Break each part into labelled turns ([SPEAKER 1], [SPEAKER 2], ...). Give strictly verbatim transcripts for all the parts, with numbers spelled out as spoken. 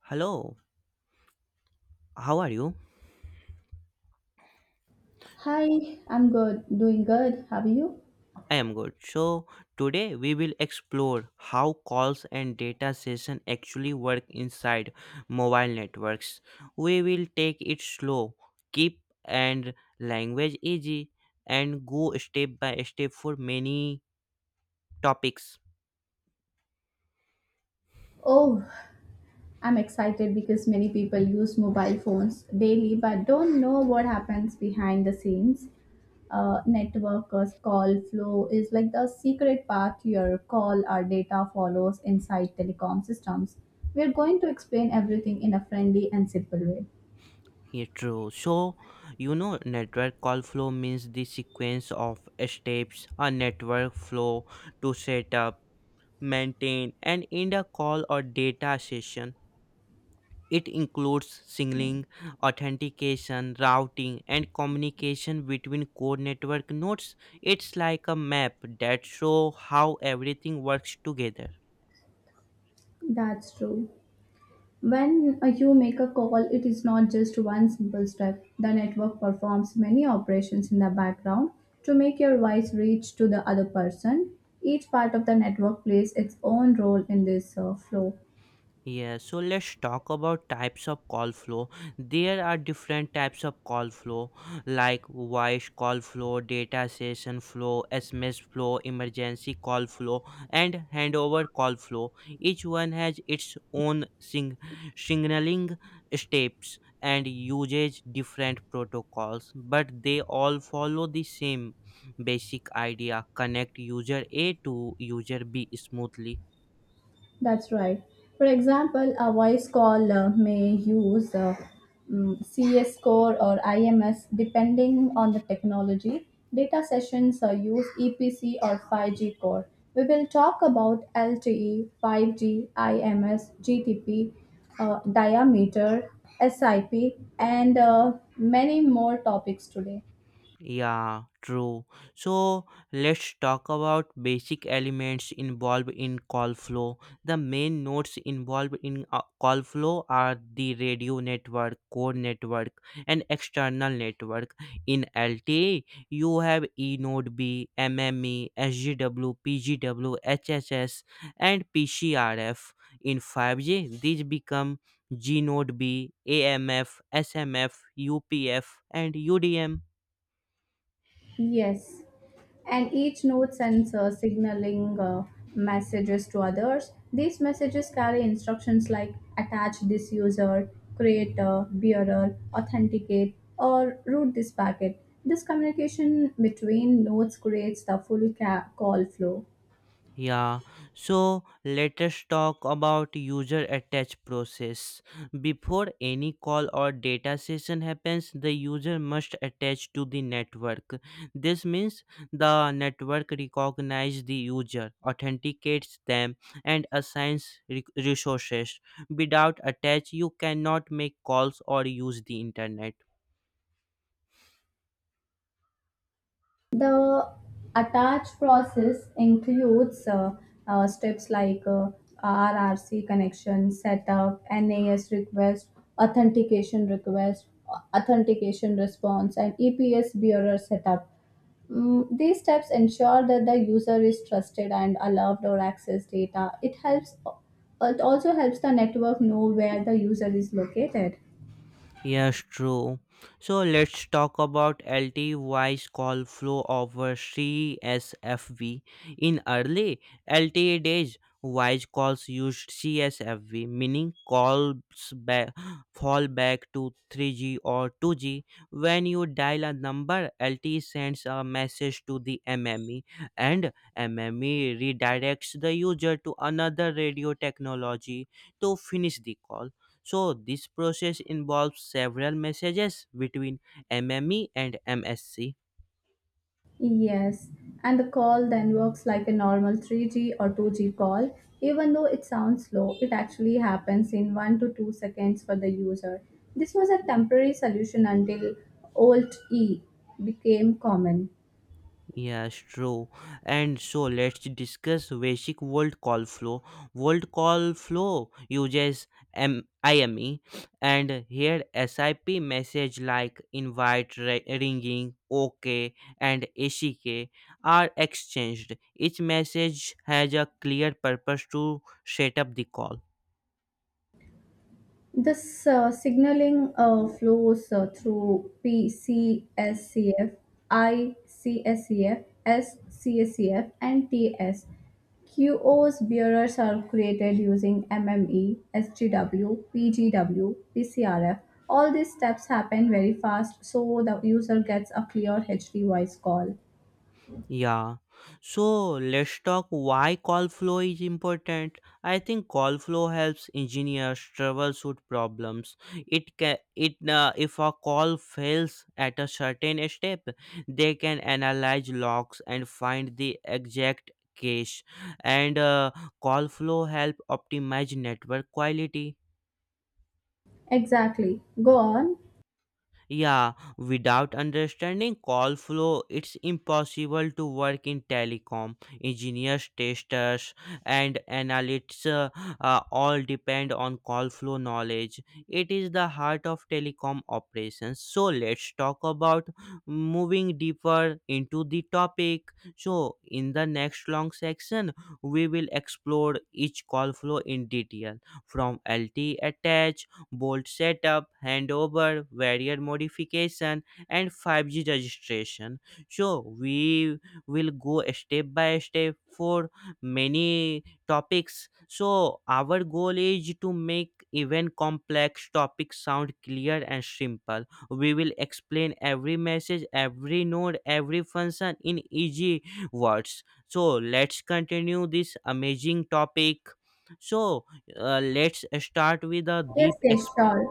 [SPEAKER 1] Hello, how are you?
[SPEAKER 2] Hi, I'm good, doing good. How are you?
[SPEAKER 1] I am good. So, today we will explore how calls and data session actually work inside mobile networks. We will take it slow, keep and language easy, and go step by step for many topics.
[SPEAKER 2] Oh, I'm excited because many people use mobile phones daily but don't know what happens behind the scenes. Uh, networkers call flow is like the secret path your call or data follows inside telecom systems. We're going to explain everything in a friendly and simple way.
[SPEAKER 1] Yeah, true. So, you know, network call flow means the sequence of steps a network flow to set up, maintain, and end a call or data session. It includes signaling, authentication, routing, and communication between core network nodes. It's like a map that shows how everything works together.
[SPEAKER 2] That's true. When uh, you make a call, it is not just one simple step. The network performs many operations in the background to make your voice reach to the other person. Each part of the network plays its own role in this uh, flow.
[SPEAKER 1] Yeah, so let's talk about types of call flow. There are different types of call flow like voice call flow, data session flow, S M S flow, emergency call flow, and handover call flow. Each one has its own sing- signaling steps and uses different protocols, but they all follow the same basic idea: connect user A to user B smoothly.
[SPEAKER 2] That's right. For example, a voice call uh, may use uh, mm, C S score or I M S depending on the technology. Data sessions uh, use E P C or five G core. We will talk about L T E, five G, IMS, GTP, uh, diameter, S I P, and uh, many more topics today.
[SPEAKER 1] Yeah, true. So let's talk about basic elements involved in call flow. The main nodes involved in uh, call flow are the radio network, core network, and external network. In L T A, you have E node B, MME, SGW, PGW, HSS, and PCRF. In five G, these become G node B, AMF, SMF, UPF, and UDM.
[SPEAKER 2] Yes, and each node sends uh, signaling uh, messages to others. These messages carry instructions like attach this user, create a bearer, authenticate, or route this packet. This communication between nodes creates the full ca- call flow.
[SPEAKER 1] Yeah, so let us talk about user attach process. Before any call or data session happens, the user must attach to the network. This means the network recognizes the user, authenticates them, and assigns re- resources. Without attach, you cannot make calls or use the internet.
[SPEAKER 2] The attach process includes uh, uh, steps like uh, R R C connection setup, N A S request, authentication request, authentication response, and E P S bearer setup. Mm, these steps ensure that the user is trusted and allowed or access data. It helps. It also helps the network know where the user is located.
[SPEAKER 1] Yes, true. So let's talk about L T Y's call flow over C S F V. In early L T E days, Wise calls used C S F V, meaning calls back fall back to three G or two G. When you dial a number, L T E sends a message to the M M E, and M M E redirects the user to another radio technology to finish the call. So, this process involves several messages between M M E and M S C.
[SPEAKER 2] Yes, and the call then works like a normal three G or two G call. Even though it sounds slow, it actually happens in one to two seconds for the user. This was a temporary solution until Alt E became common.
[SPEAKER 1] Yes, true. And so let's discuss basic World Call Flow. World Call Flow uses M- I M E, and here S I P message like invite, ri- ringing, OK, and A C K are exchanged. Each message has a clear purpose to set up the call.
[SPEAKER 2] This uh, signaling uh, flows uh, through PCSCF, ICSCF, SCSCF, and TS. QO's bearers are created using M M E S G W P G W P C R F. All these steps happen very fast, so the user gets a clear H D voice call.
[SPEAKER 1] Yeah. So let's talk why call flow is important. I think call flow helps engineers troubleshoot problems. It can it uh, if a call fails at a certain step, they can analyze logs and find the exact cache. And uh, call flow help optimize network quality.
[SPEAKER 2] Exactly. Go on.
[SPEAKER 1] Yeah, without understanding call flow, it's impossible to work in telecom. Engineers, testers, and analysts uh, uh, all depend on call flow knowledge. It is the heart of telecom operations. So, let's talk about moving deeper into the topic. So, in the next long section, we will explore each call flow in detail from L T attach, bolt setup, handover, barrier modification, and five G registration. So we will go step by step for many topics. So our goal is to make even complex topics sound clear and simple. We will explain every message, every node, every function in easy words. So let's continue this amazing topic. So uh, let's start with a
[SPEAKER 2] Yes,
[SPEAKER 1] deep
[SPEAKER 2] yes, sure.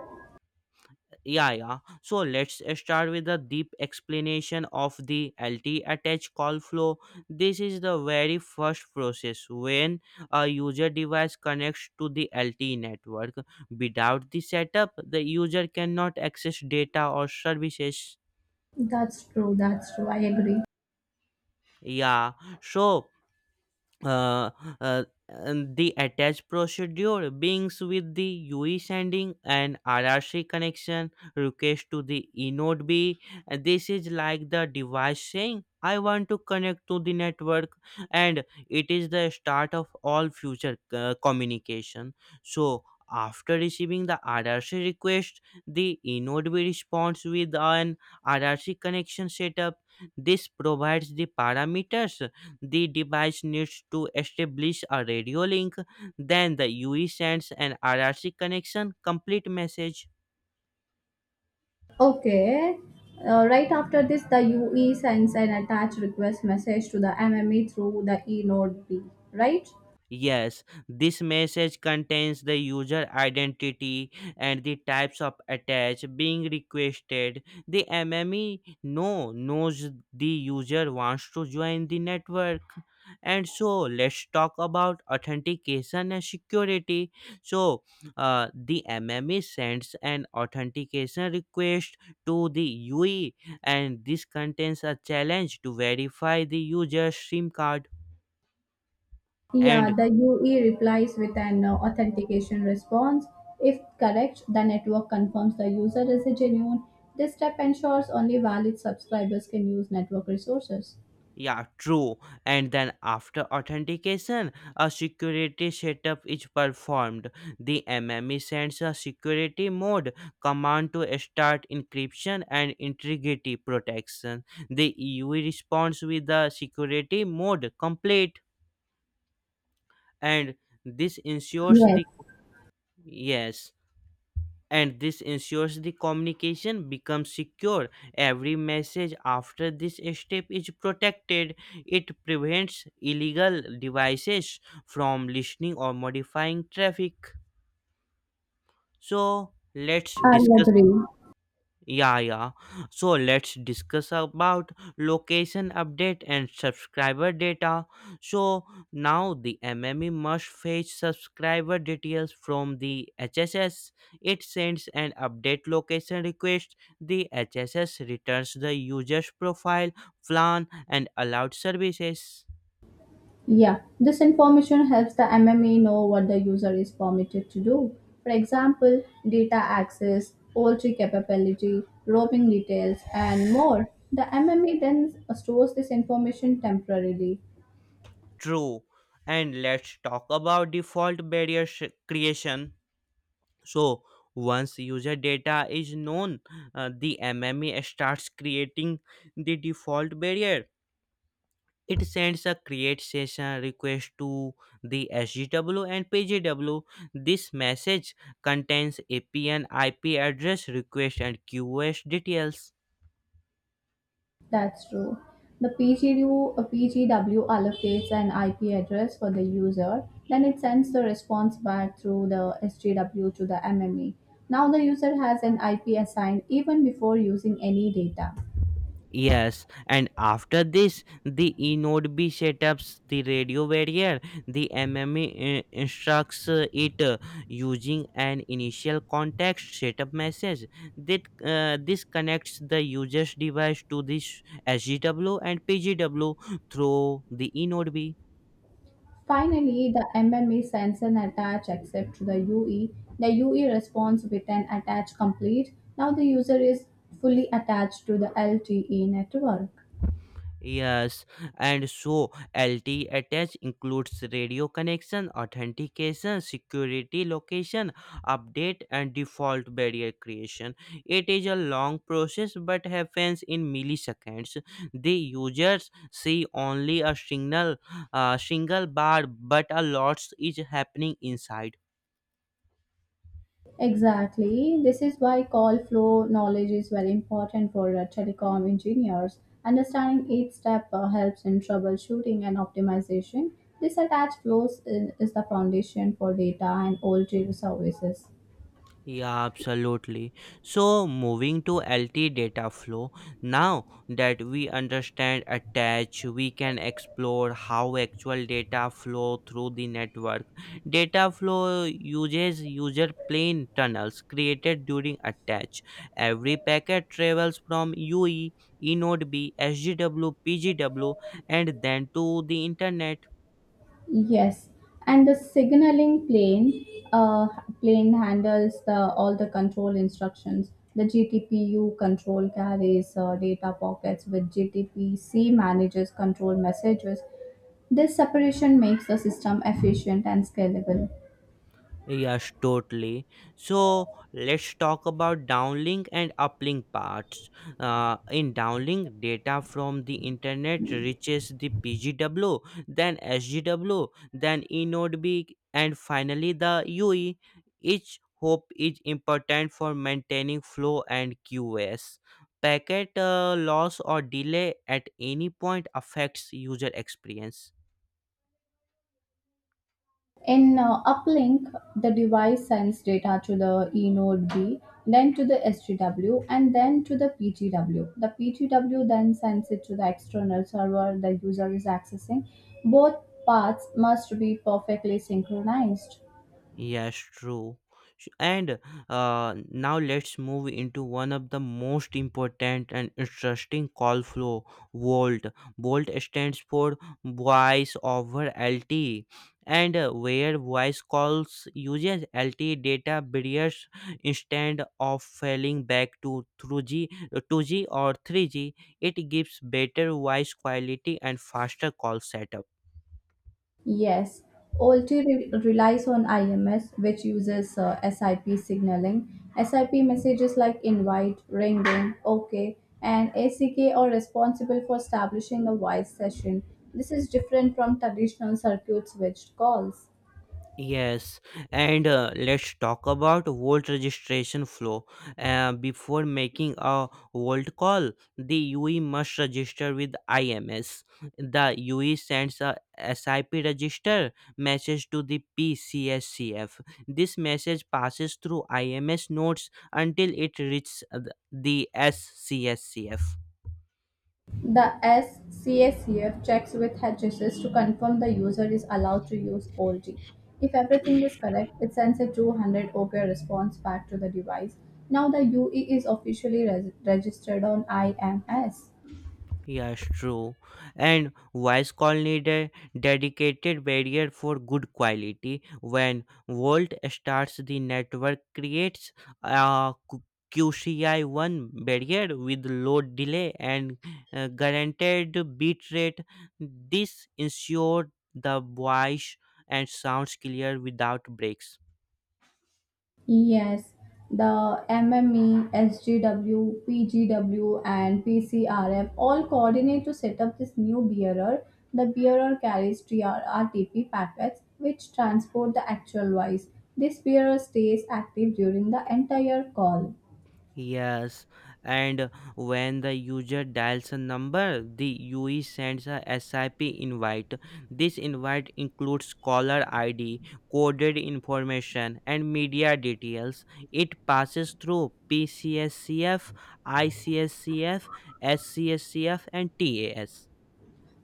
[SPEAKER 1] yeah, yeah. So let's start with the deep explanation of the L T attach call flow. This is the very first process when a user device connects to the L T E network. Without the setup, the user cannot access data or services.
[SPEAKER 2] That's true. That's true. I agree.
[SPEAKER 1] Yeah. So uh, uh, and the attached procedure beings with the U E sending and R R C connection request to the E node B. And this is like the device saying, I want to connect to the network, and it is the start of all future uh, communication. So, after receiving the R R C request, the E node B responds with an R R C connection setup. This provides the parameters the device needs to establish a radio link, then the U E sends an R R C connection complete message.
[SPEAKER 2] Okay. Uh, right after this, the U E sends an attached request message to the M M E through the E node B, right?
[SPEAKER 1] Yes, this message contains the user identity and the types of attach being requested. The M M E no knows the user wants to join the network. And so let's talk about authentication and security. So uh, the M M E sends an authentication request to the U E, and this contains a challenge to verify the user's SIM card
[SPEAKER 2] Yeah,
[SPEAKER 1] and
[SPEAKER 2] the U E replies with an uh, authentication response. If correct, the network confirms the user is a genuine. This step ensures only valid subscribers can use network resources.
[SPEAKER 1] Yeah, true. And then after authentication, a security setup is performed. The M M E sends a security mode command to start encryption and integrity protection. The E U responds with the security mode complete, and this ensures
[SPEAKER 2] Yes,
[SPEAKER 1] the yes, and this ensures the communication becomes secure. Every message after this step is protected. It prevents illegal devices from listening or modifying traffic. So, let's
[SPEAKER 2] I
[SPEAKER 1] discuss
[SPEAKER 2] agree.
[SPEAKER 1] yeah, yeah. So let's discuss about location update and subscriber data. So now the M M E must fetch subscriber details from the H S S. It sends an update location request. The H S S returns the user's profile, plan, and allowed services.
[SPEAKER 2] Yeah, this information helps the M M A know what the user is permitted to do. For example, data access, poultry capability, roaming details, and more. The M M A then stores this information temporarily.
[SPEAKER 1] True. And let's talk about default barrier sh- creation. So once user data is known, uh, the M M E starts creating the default barrier. It sends a create session request to the S G W and PGW. This message contains A P N I P address request and QoS details.
[SPEAKER 2] That's true. The P G W, uh, P G W allocates an I P address for the user, then it sends the response back through the S G W to the M M A. Now the user has an I P assigned even before using any data.
[SPEAKER 1] Yes, and after this, the eNodeB setups the radio barrier. The M M E i- instructs uh, it uh, using an initial context setup message. That uh, this connects the user's device to this S G W and P G W through the eNodeB.
[SPEAKER 2] Finally, the M M E sends an attach accept to the U E. The U E responds with an attach complete. Now the user is fully attached to the L T E network.
[SPEAKER 1] Yes, and so L T A attach includes radio connection, authentication, security location, update, and default barrier creation. It is a long process but happens in milliseconds. The users see only a single, uh, single bar, but a lot is happening inside.
[SPEAKER 2] Exactly. This is why call flow knowledge is very important for uh, telecom engineers. Understanding each step uh, helps in troubleshooting and optimization. This attached flows is, is the foundation for data and O L T services.
[SPEAKER 1] Yeah, absolutely. So, moving to L T data flow, now that we understand attach, we can explore how actual data flow through the network. Data flow uses user plane tunnels created during attach. Every packet travels from U E, eNodeB, S G W, P G W, and then to the internet.
[SPEAKER 2] Yes, and the signaling plane uh, plane handles the all the control instructions. The G T P U control carries uh, data pockets, with G T P C manages control messages. This separation makes the system efficient and scalable.
[SPEAKER 1] Yes, totally. So let's talk about downlink and uplink parts. Uh, in downlink, data from the internet reaches the P G W, then S G W, then eNodeB, and finally the U E. Each hop is important for maintaining flow and QoS. Packet uh, loss or delay at any point affects user experience.
[SPEAKER 2] In uh, uplink, the device sends data to the E node B, then to the S G W, and then to the P G W. The P G W then sends it to the external server the user is accessing. Both paths must be perfectly synchronized.
[SPEAKER 1] Yes, true. Sh- And uh, Now let's move into one of the most important and interesting call flow, VoLTE. VoLTE stands for voice over L T E, and uh, where voice calls uses L T E data barriers instead of falling back to through g two G or three G. It gives better voice quality and faster call setup.
[SPEAKER 2] Yes, O L T re- relies on I M S, which uses uh, S I P signaling. S I P messages like invite, ringing, OK, and A C K are responsible for establishing a voice session. This is different from traditional circuit switched calls.
[SPEAKER 1] Yes, and uh, let's talk about Volt registration flow. Uh, before making a Volt call, the U E must register with IMS. The U E sends a SIP register message to the P C S C F. This message passes through I M S nodes until it reaches the the S C S C F.
[SPEAKER 2] The S C A C F checks with H S S to confirm the user is allowed to use O L T. If everything is correct, it sends a two hundred OK response back to the device. Now the U E is officially res- registered on IMS.
[SPEAKER 1] Yeah, it's true. And voice call need a dedicated barrier for good quality. When Volt starts, the network creates a Q- QCI1 barrier with low delay and uh, guaranteed bit rate. This ensures the voice and sounds clear without breaks.
[SPEAKER 2] Yes, the MME, SGW, PGW, and PCRF all coordinate to set up this new bearer. The bearer carries T R packets which transport the actual voice. This bearer stays active during the entire call.
[SPEAKER 1] Yes, and when the user dials a number, the U E sends a S I P invite. This invite includes caller I D, coded information, and media details. It passes through PCSCF, ICSCF, SCSCF, and TAS.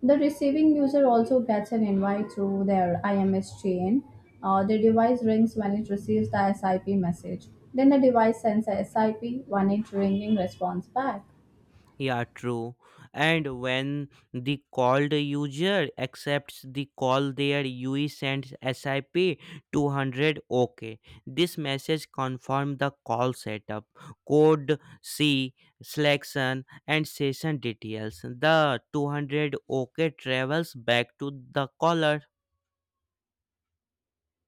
[SPEAKER 2] The receiving user also gets an invite through their I M S chain. Uh, the device rings when it receives the S I P message. Then the device sends a S I P, one inch ringing response back.
[SPEAKER 1] Yeah, true. And when the called user accepts the call there, U E sends S I P two hundred OK. This message confirms the call setup, code C, selection, and session details. The two hundred OK travels back to the caller.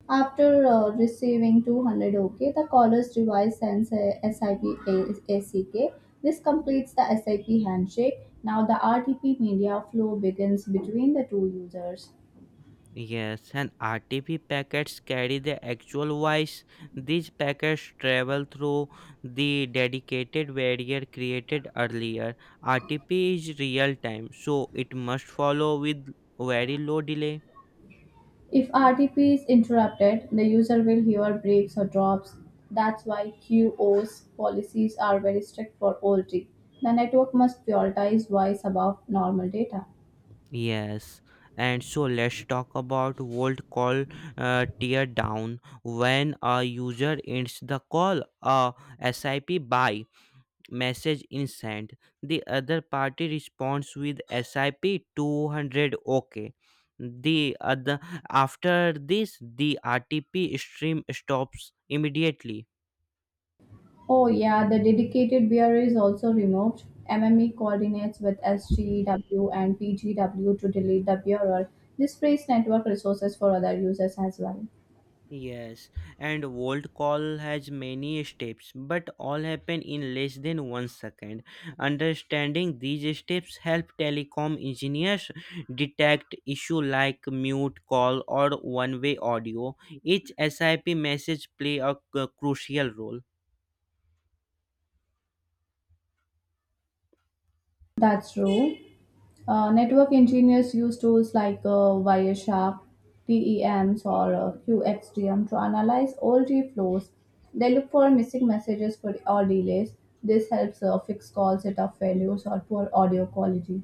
[SPEAKER 2] After uh, receiving two hundred OK, the caller's device sends a S I P A- ACK. This completes the SIP handshake. Now the R T P media flow begins between the two users.
[SPEAKER 1] Yes, and R T P packets carry the actual voice. These packets travel through the dedicated barrier created earlier. R T P is real time, so it must follow with very low delay.
[SPEAKER 2] If R T P is interrupted, the user will hear breaks or drops. That's why QoS policies are very strict for O L T. The network must prioritize voice above normal data.
[SPEAKER 1] Yes, and so let's talk about volt call uh, teardown. When a user ends the call, a S I P buy message is sent. The other party responds with sip two hundred okay. The other after this, the rtp stream stops immediately.
[SPEAKER 2] Oh yeah, the dedicated beer is also removed. M M E coordinates with S G W and P G W to delete the bearer. This frees network resources for other users as well.
[SPEAKER 1] Yes, and Volt call has many steps, but all happen in less than one second. Understanding these steps help telecom engineers detect issue like mute call or one-way audio. Each S I P message play a c- crucial role.
[SPEAKER 2] That's true. Uh, network engineers use tools like uh, Wireshark, T E Ms, or uh, Q X D M to analyze all T flows. They look for missing messages for or delays. This helps uh, fix call setup failures or poor audio quality.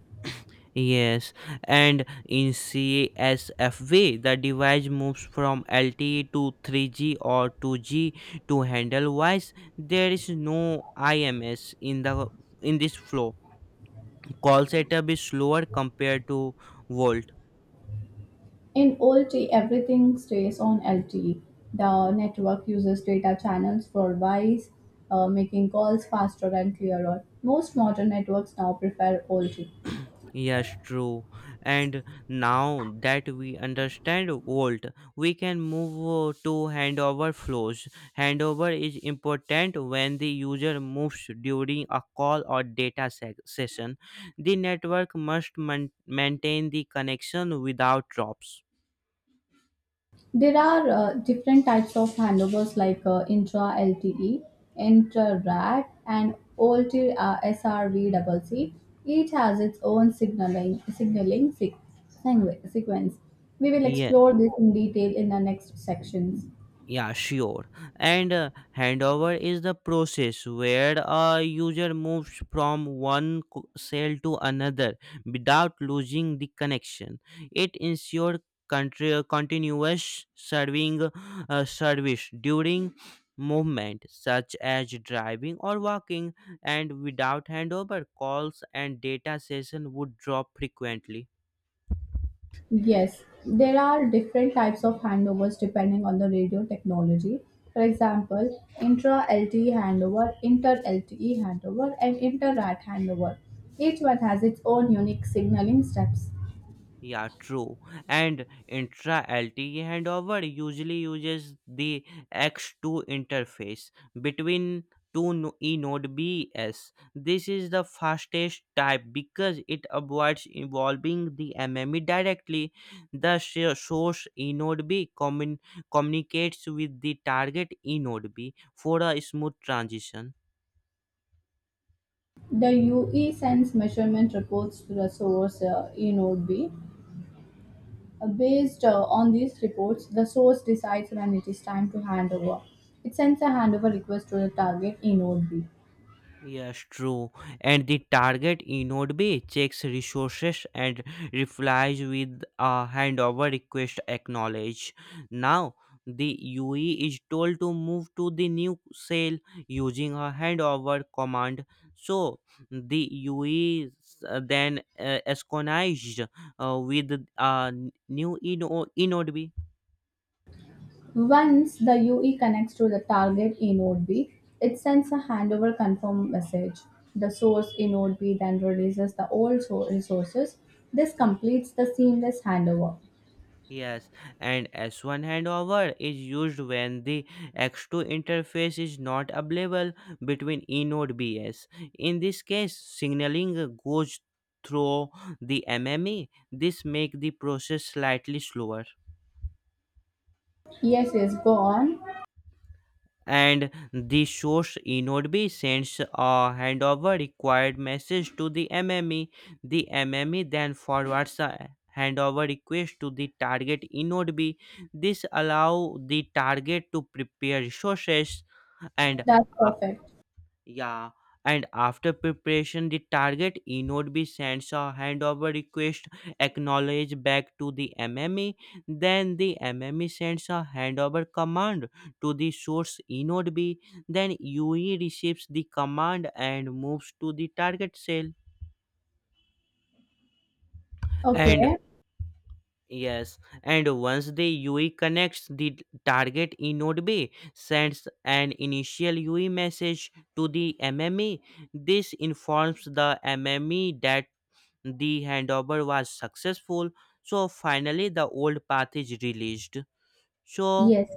[SPEAKER 1] Yes, and in C S F V, the device moves from L T E to three G or two G to handle voice. There is no I M S in the in this flow. Call setup is slower compared to Volt.
[SPEAKER 2] In O L T, everything stays on L T E. The network uses data channels for voice, uh, making calls faster and clearer. Most modern networks now prefer O L T.
[SPEAKER 1] Yes, true. And now that we understand Volt, we can move uh, to handover flows. Handover is important when the user moves during a call or data se- session. The network must man- maintain the connection without drops.
[SPEAKER 2] There are uh, different types of handovers like uh, intra LTE, intra RAT, and OLT uh, SRVCC. Each has its own signaling signaling se- sequ- sequence. We will
[SPEAKER 1] Yes.
[SPEAKER 2] explore this in detail in the next sections.
[SPEAKER 1] Yeah, sure. And uh, handover is the process where a user moves from one co- cell to another without losing the connection. It ensures contri- continuous serving uh, service during movement such as driving or walking, and without handover calls and data session would drop frequently.
[SPEAKER 2] Yes, there are different types of handovers depending on the radio technology. For example, intra L T E handover, inter L T E handover, and inter R A T handover. Each one has its own unique signaling steps.
[SPEAKER 1] Yeah, true. And intra L T E handover usually uses the X two interface between two no- E node Bs. This is the fastest type because it avoids involving the M M E directly. The sh- source E node B commun- communicates with the target E node B for a smooth transition.
[SPEAKER 2] The U E sends measurement reports to the source uh, E-node B. Uh, Based uh, on these reports, the source decides when it is time to hand over. It sends a handover request to the target E-node B.
[SPEAKER 1] Yes, true. And the target inode B checks resources and replies with a handover request acknowledge. Now, the U E is told to move to the new cell using a handover command. So, the U E is uh, then uh, synchronized uh, with uh, new inode inode B.
[SPEAKER 2] Once the U E connects to the target in Node B, it sends a handover confirm message. The source in Node B then releases the old so- resources. This completes the seamless handover.
[SPEAKER 1] Yes, and S one handover is used when the X two interface is not available between E node B s. In this case, signaling goes through the M M E. This make the process slightly slower.
[SPEAKER 2] Yes, yes, go on.
[SPEAKER 1] And the source inode B sends a handover required message to the M M E. The M M E then forwards a handover request to the target inode B. This allow the target to prepare resources, and
[SPEAKER 2] That's perfect.
[SPEAKER 1] yeah, and after preparation, the target e-node B sends a handover request acknowledge back to the M M E. Then the M M E sends a handover command to the source e B. Then U E receives the command and moves to the target cell. And,
[SPEAKER 2] Okay.
[SPEAKER 1] yes, and once the U E connects the target in node B, sends an initial U E message to the M M E. This informs the M M E that the handover was successful. So finally, the old path is released. So
[SPEAKER 2] Yes.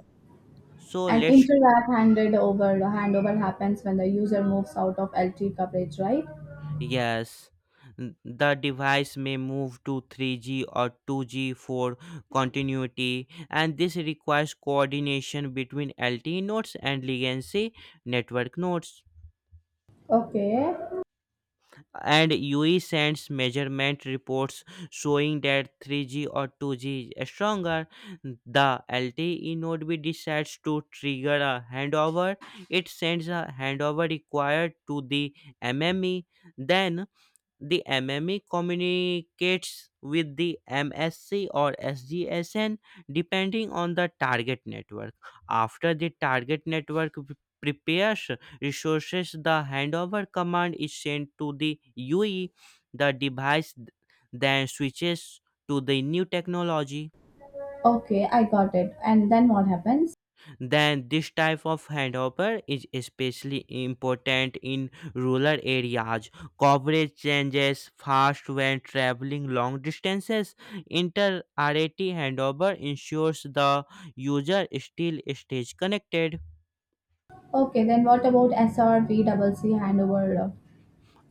[SPEAKER 1] so
[SPEAKER 2] And
[SPEAKER 1] let's
[SPEAKER 2] inter-app handed over handover happens when the user moves out of L T E coverage, right?
[SPEAKER 1] Yes, n- the device may move to three G or two G for continuity, and this requires coordination between L T E nodes and legacy network nodes.
[SPEAKER 2] Okay.
[SPEAKER 1] And U E sends measurement reports showing that three G or two G is stronger. The L T E node will decides to trigger a handover. It sends a handover required to the M M E. Then the M M E communicates with the M S C or S G S N depending on the target network. After the target network p- prepares resources, the handover command is sent to the U E. The device th- then switches to the new technology.
[SPEAKER 2] Okay, I got it. And then what happens?
[SPEAKER 1] Then this type of handover is especially important in rural areas. Coverage changes fast when traveling long distances. Inter-rat handover ensures the user still stays connected.
[SPEAKER 2] Okay, then what about S R V C C handover?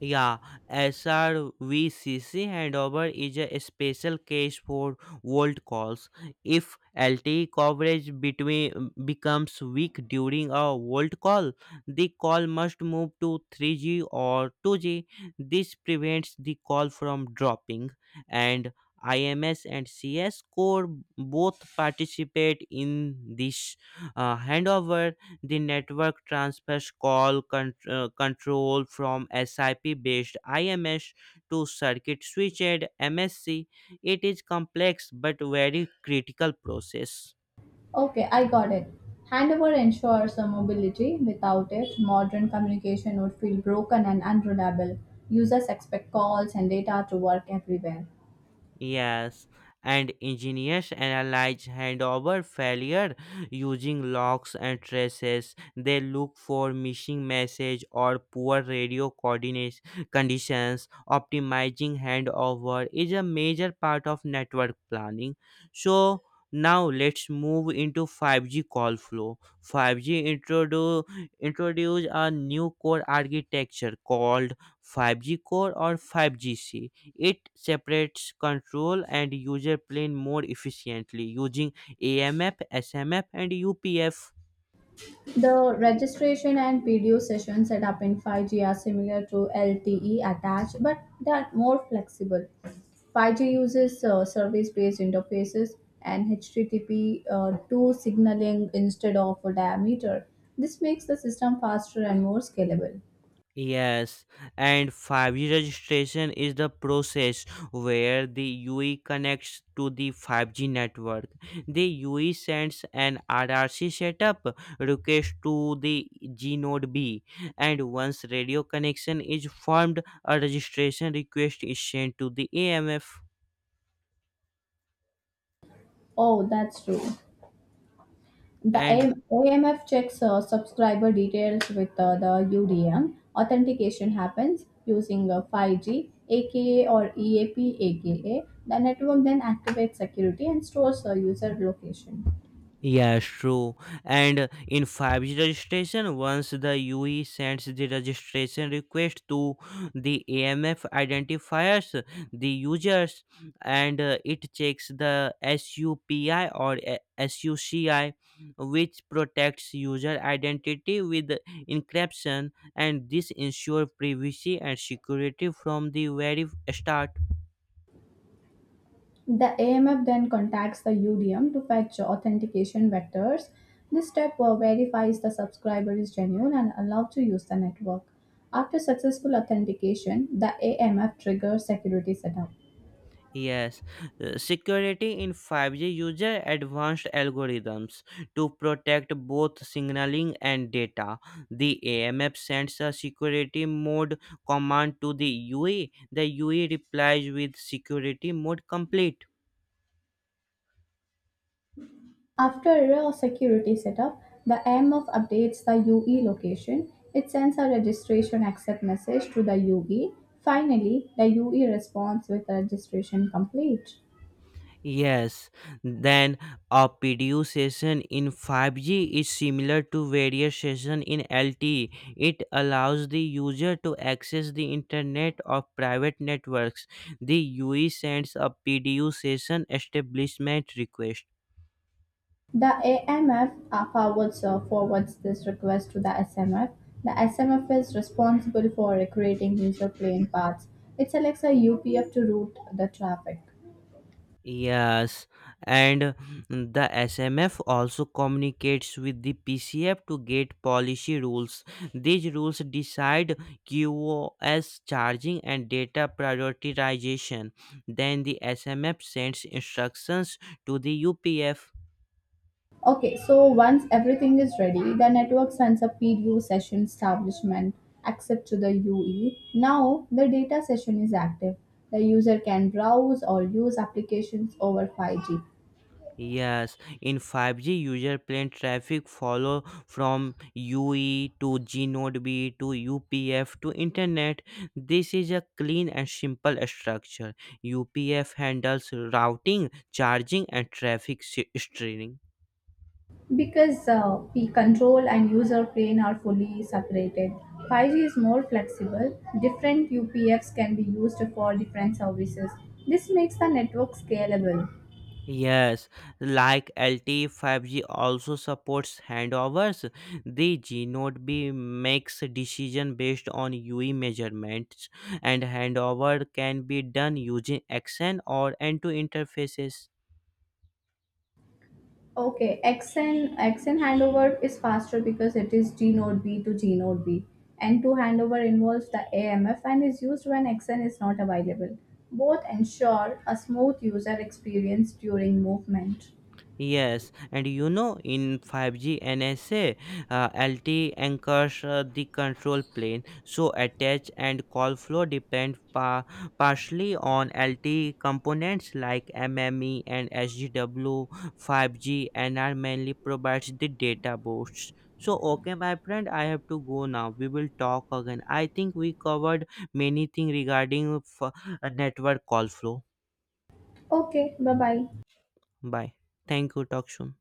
[SPEAKER 1] Yeah, S R V C C handover is a special case for old calls. If L T E coverage between becomes weak during a old call, the call must move to three G or two G. This prevents the call from dropping, and I M S and C S core both participate in this uh, handover. The network transfers call con- uh, control from SIP based I M S to circuit switched M S C. It is complex but very critical process.
[SPEAKER 2] Okay, I got it. Handover ensures a mobility. Without it, modern communication would feel broken and unreliable. Users expect calls and data to work everywhere.
[SPEAKER 1] Yes, and engineers analyze handover failure using logs and traces. They look for missing message or poor radio coordinates conditions. Optimizing handover is a major part of network planning. So now let's move into five G call flow. five G introduce introduce a new core architecture called five G core or five G C. It separates control and user plane more efficiently using A M F, S M F, and U P F.
[SPEAKER 2] The registration and video sessions set up in five G are similar to L T E attached, but they are more flexible. five G
[SPEAKER 1] Y-
[SPEAKER 2] uses uh, service-based interfaces and H T T P uh, to signaling instead of a diameter. This makes the system faster and more scalable.
[SPEAKER 1] Yes, and five G registration is the process where the U E connects to the five G network. The U E sends an R R C setup request to the G node B, and once radio connection is formed, a registration request is sent to the A M F.
[SPEAKER 2] Oh, that's true. The
[SPEAKER 1] And
[SPEAKER 2] AM, A M F checks uh, subscriber details with uh, the U D M. Authentication happens using uh, five G, aka or E A P, aka. The network then activates security and stores the user location.
[SPEAKER 1] yeah, true. And in five G registration, once the U E sends the registration request to the A M F identifiers, the users, and uh, it checks the SUPI or a- SUCI, which protects user identity with encryption, and this ensures privacy and security from the very start.
[SPEAKER 2] The A M F then contacts the U D M to fetch authentication vectors. This step uh, verifies the subscriber is genuine and allowed to use the network. After successful authentication, the A M F triggers security setup.
[SPEAKER 1] Yes, uh, security in five G uses advanced algorithms to protect both signaling and data. The A M F sends a security mode command to the U E. The U E replies with security mode complete.
[SPEAKER 2] After a security setup, the A M F updates the U E location. It sends a registration accept message to the U E. Finally, the U E responds with registration complete.
[SPEAKER 1] Yes, then a P D U session in five G is similar to various session in L T E. It allows the user to access the internet of private networks. The U E sends a P D U session establishment request.
[SPEAKER 2] The A M F forwards, uh, forwards this request to the S M F. The S M F is responsible for creating user plane paths. It selects a U P F to route the traffic.
[SPEAKER 1] Yes, and the S M F also communicates with the P C F to get policy rules. These rules decide QoS charging and data prioritization. Then the S M F sends instructions to the U P F.
[SPEAKER 2] Okay, so once everything is ready, the network sends a P D U session establishment access to the U E. Now the data session is active. The user can browse or use applications over five G.
[SPEAKER 1] Yes, in five G, user plane traffic follow from U E to gNode B to U P F to Internet. This is a clean and simple structure. U P F handles routing, charging, and traffic se- steering.
[SPEAKER 2] Because uh, the control and user plane are fully separated, five G is more flexible. Different U P Fs can be used for different services. This makes the network scalable.
[SPEAKER 1] Yes, like L T E five G also supports handovers. The G node B makes decision based on U E measurements, and handover can be done using action or end-to interfaces.
[SPEAKER 2] Okay, X N X N handover is faster because it is G node B to G node B. N two handover involves the A M F and is used when X N is not available. Both ensure a smooth user experience during movement.
[SPEAKER 1] Yes, and you know, in five G N S A, uh, L T E anchors uh, the control plane, so attach and call flow depend pa- partially on L T E components like MME and S G W. five G N R mainly provides the data boosts. So, okay, my friend, I have to go now. We will talk again. I think we covered many things regarding f- uh, network call flow.
[SPEAKER 2] Okay, bye bye.
[SPEAKER 1] Bye. Thank you. Talk soon.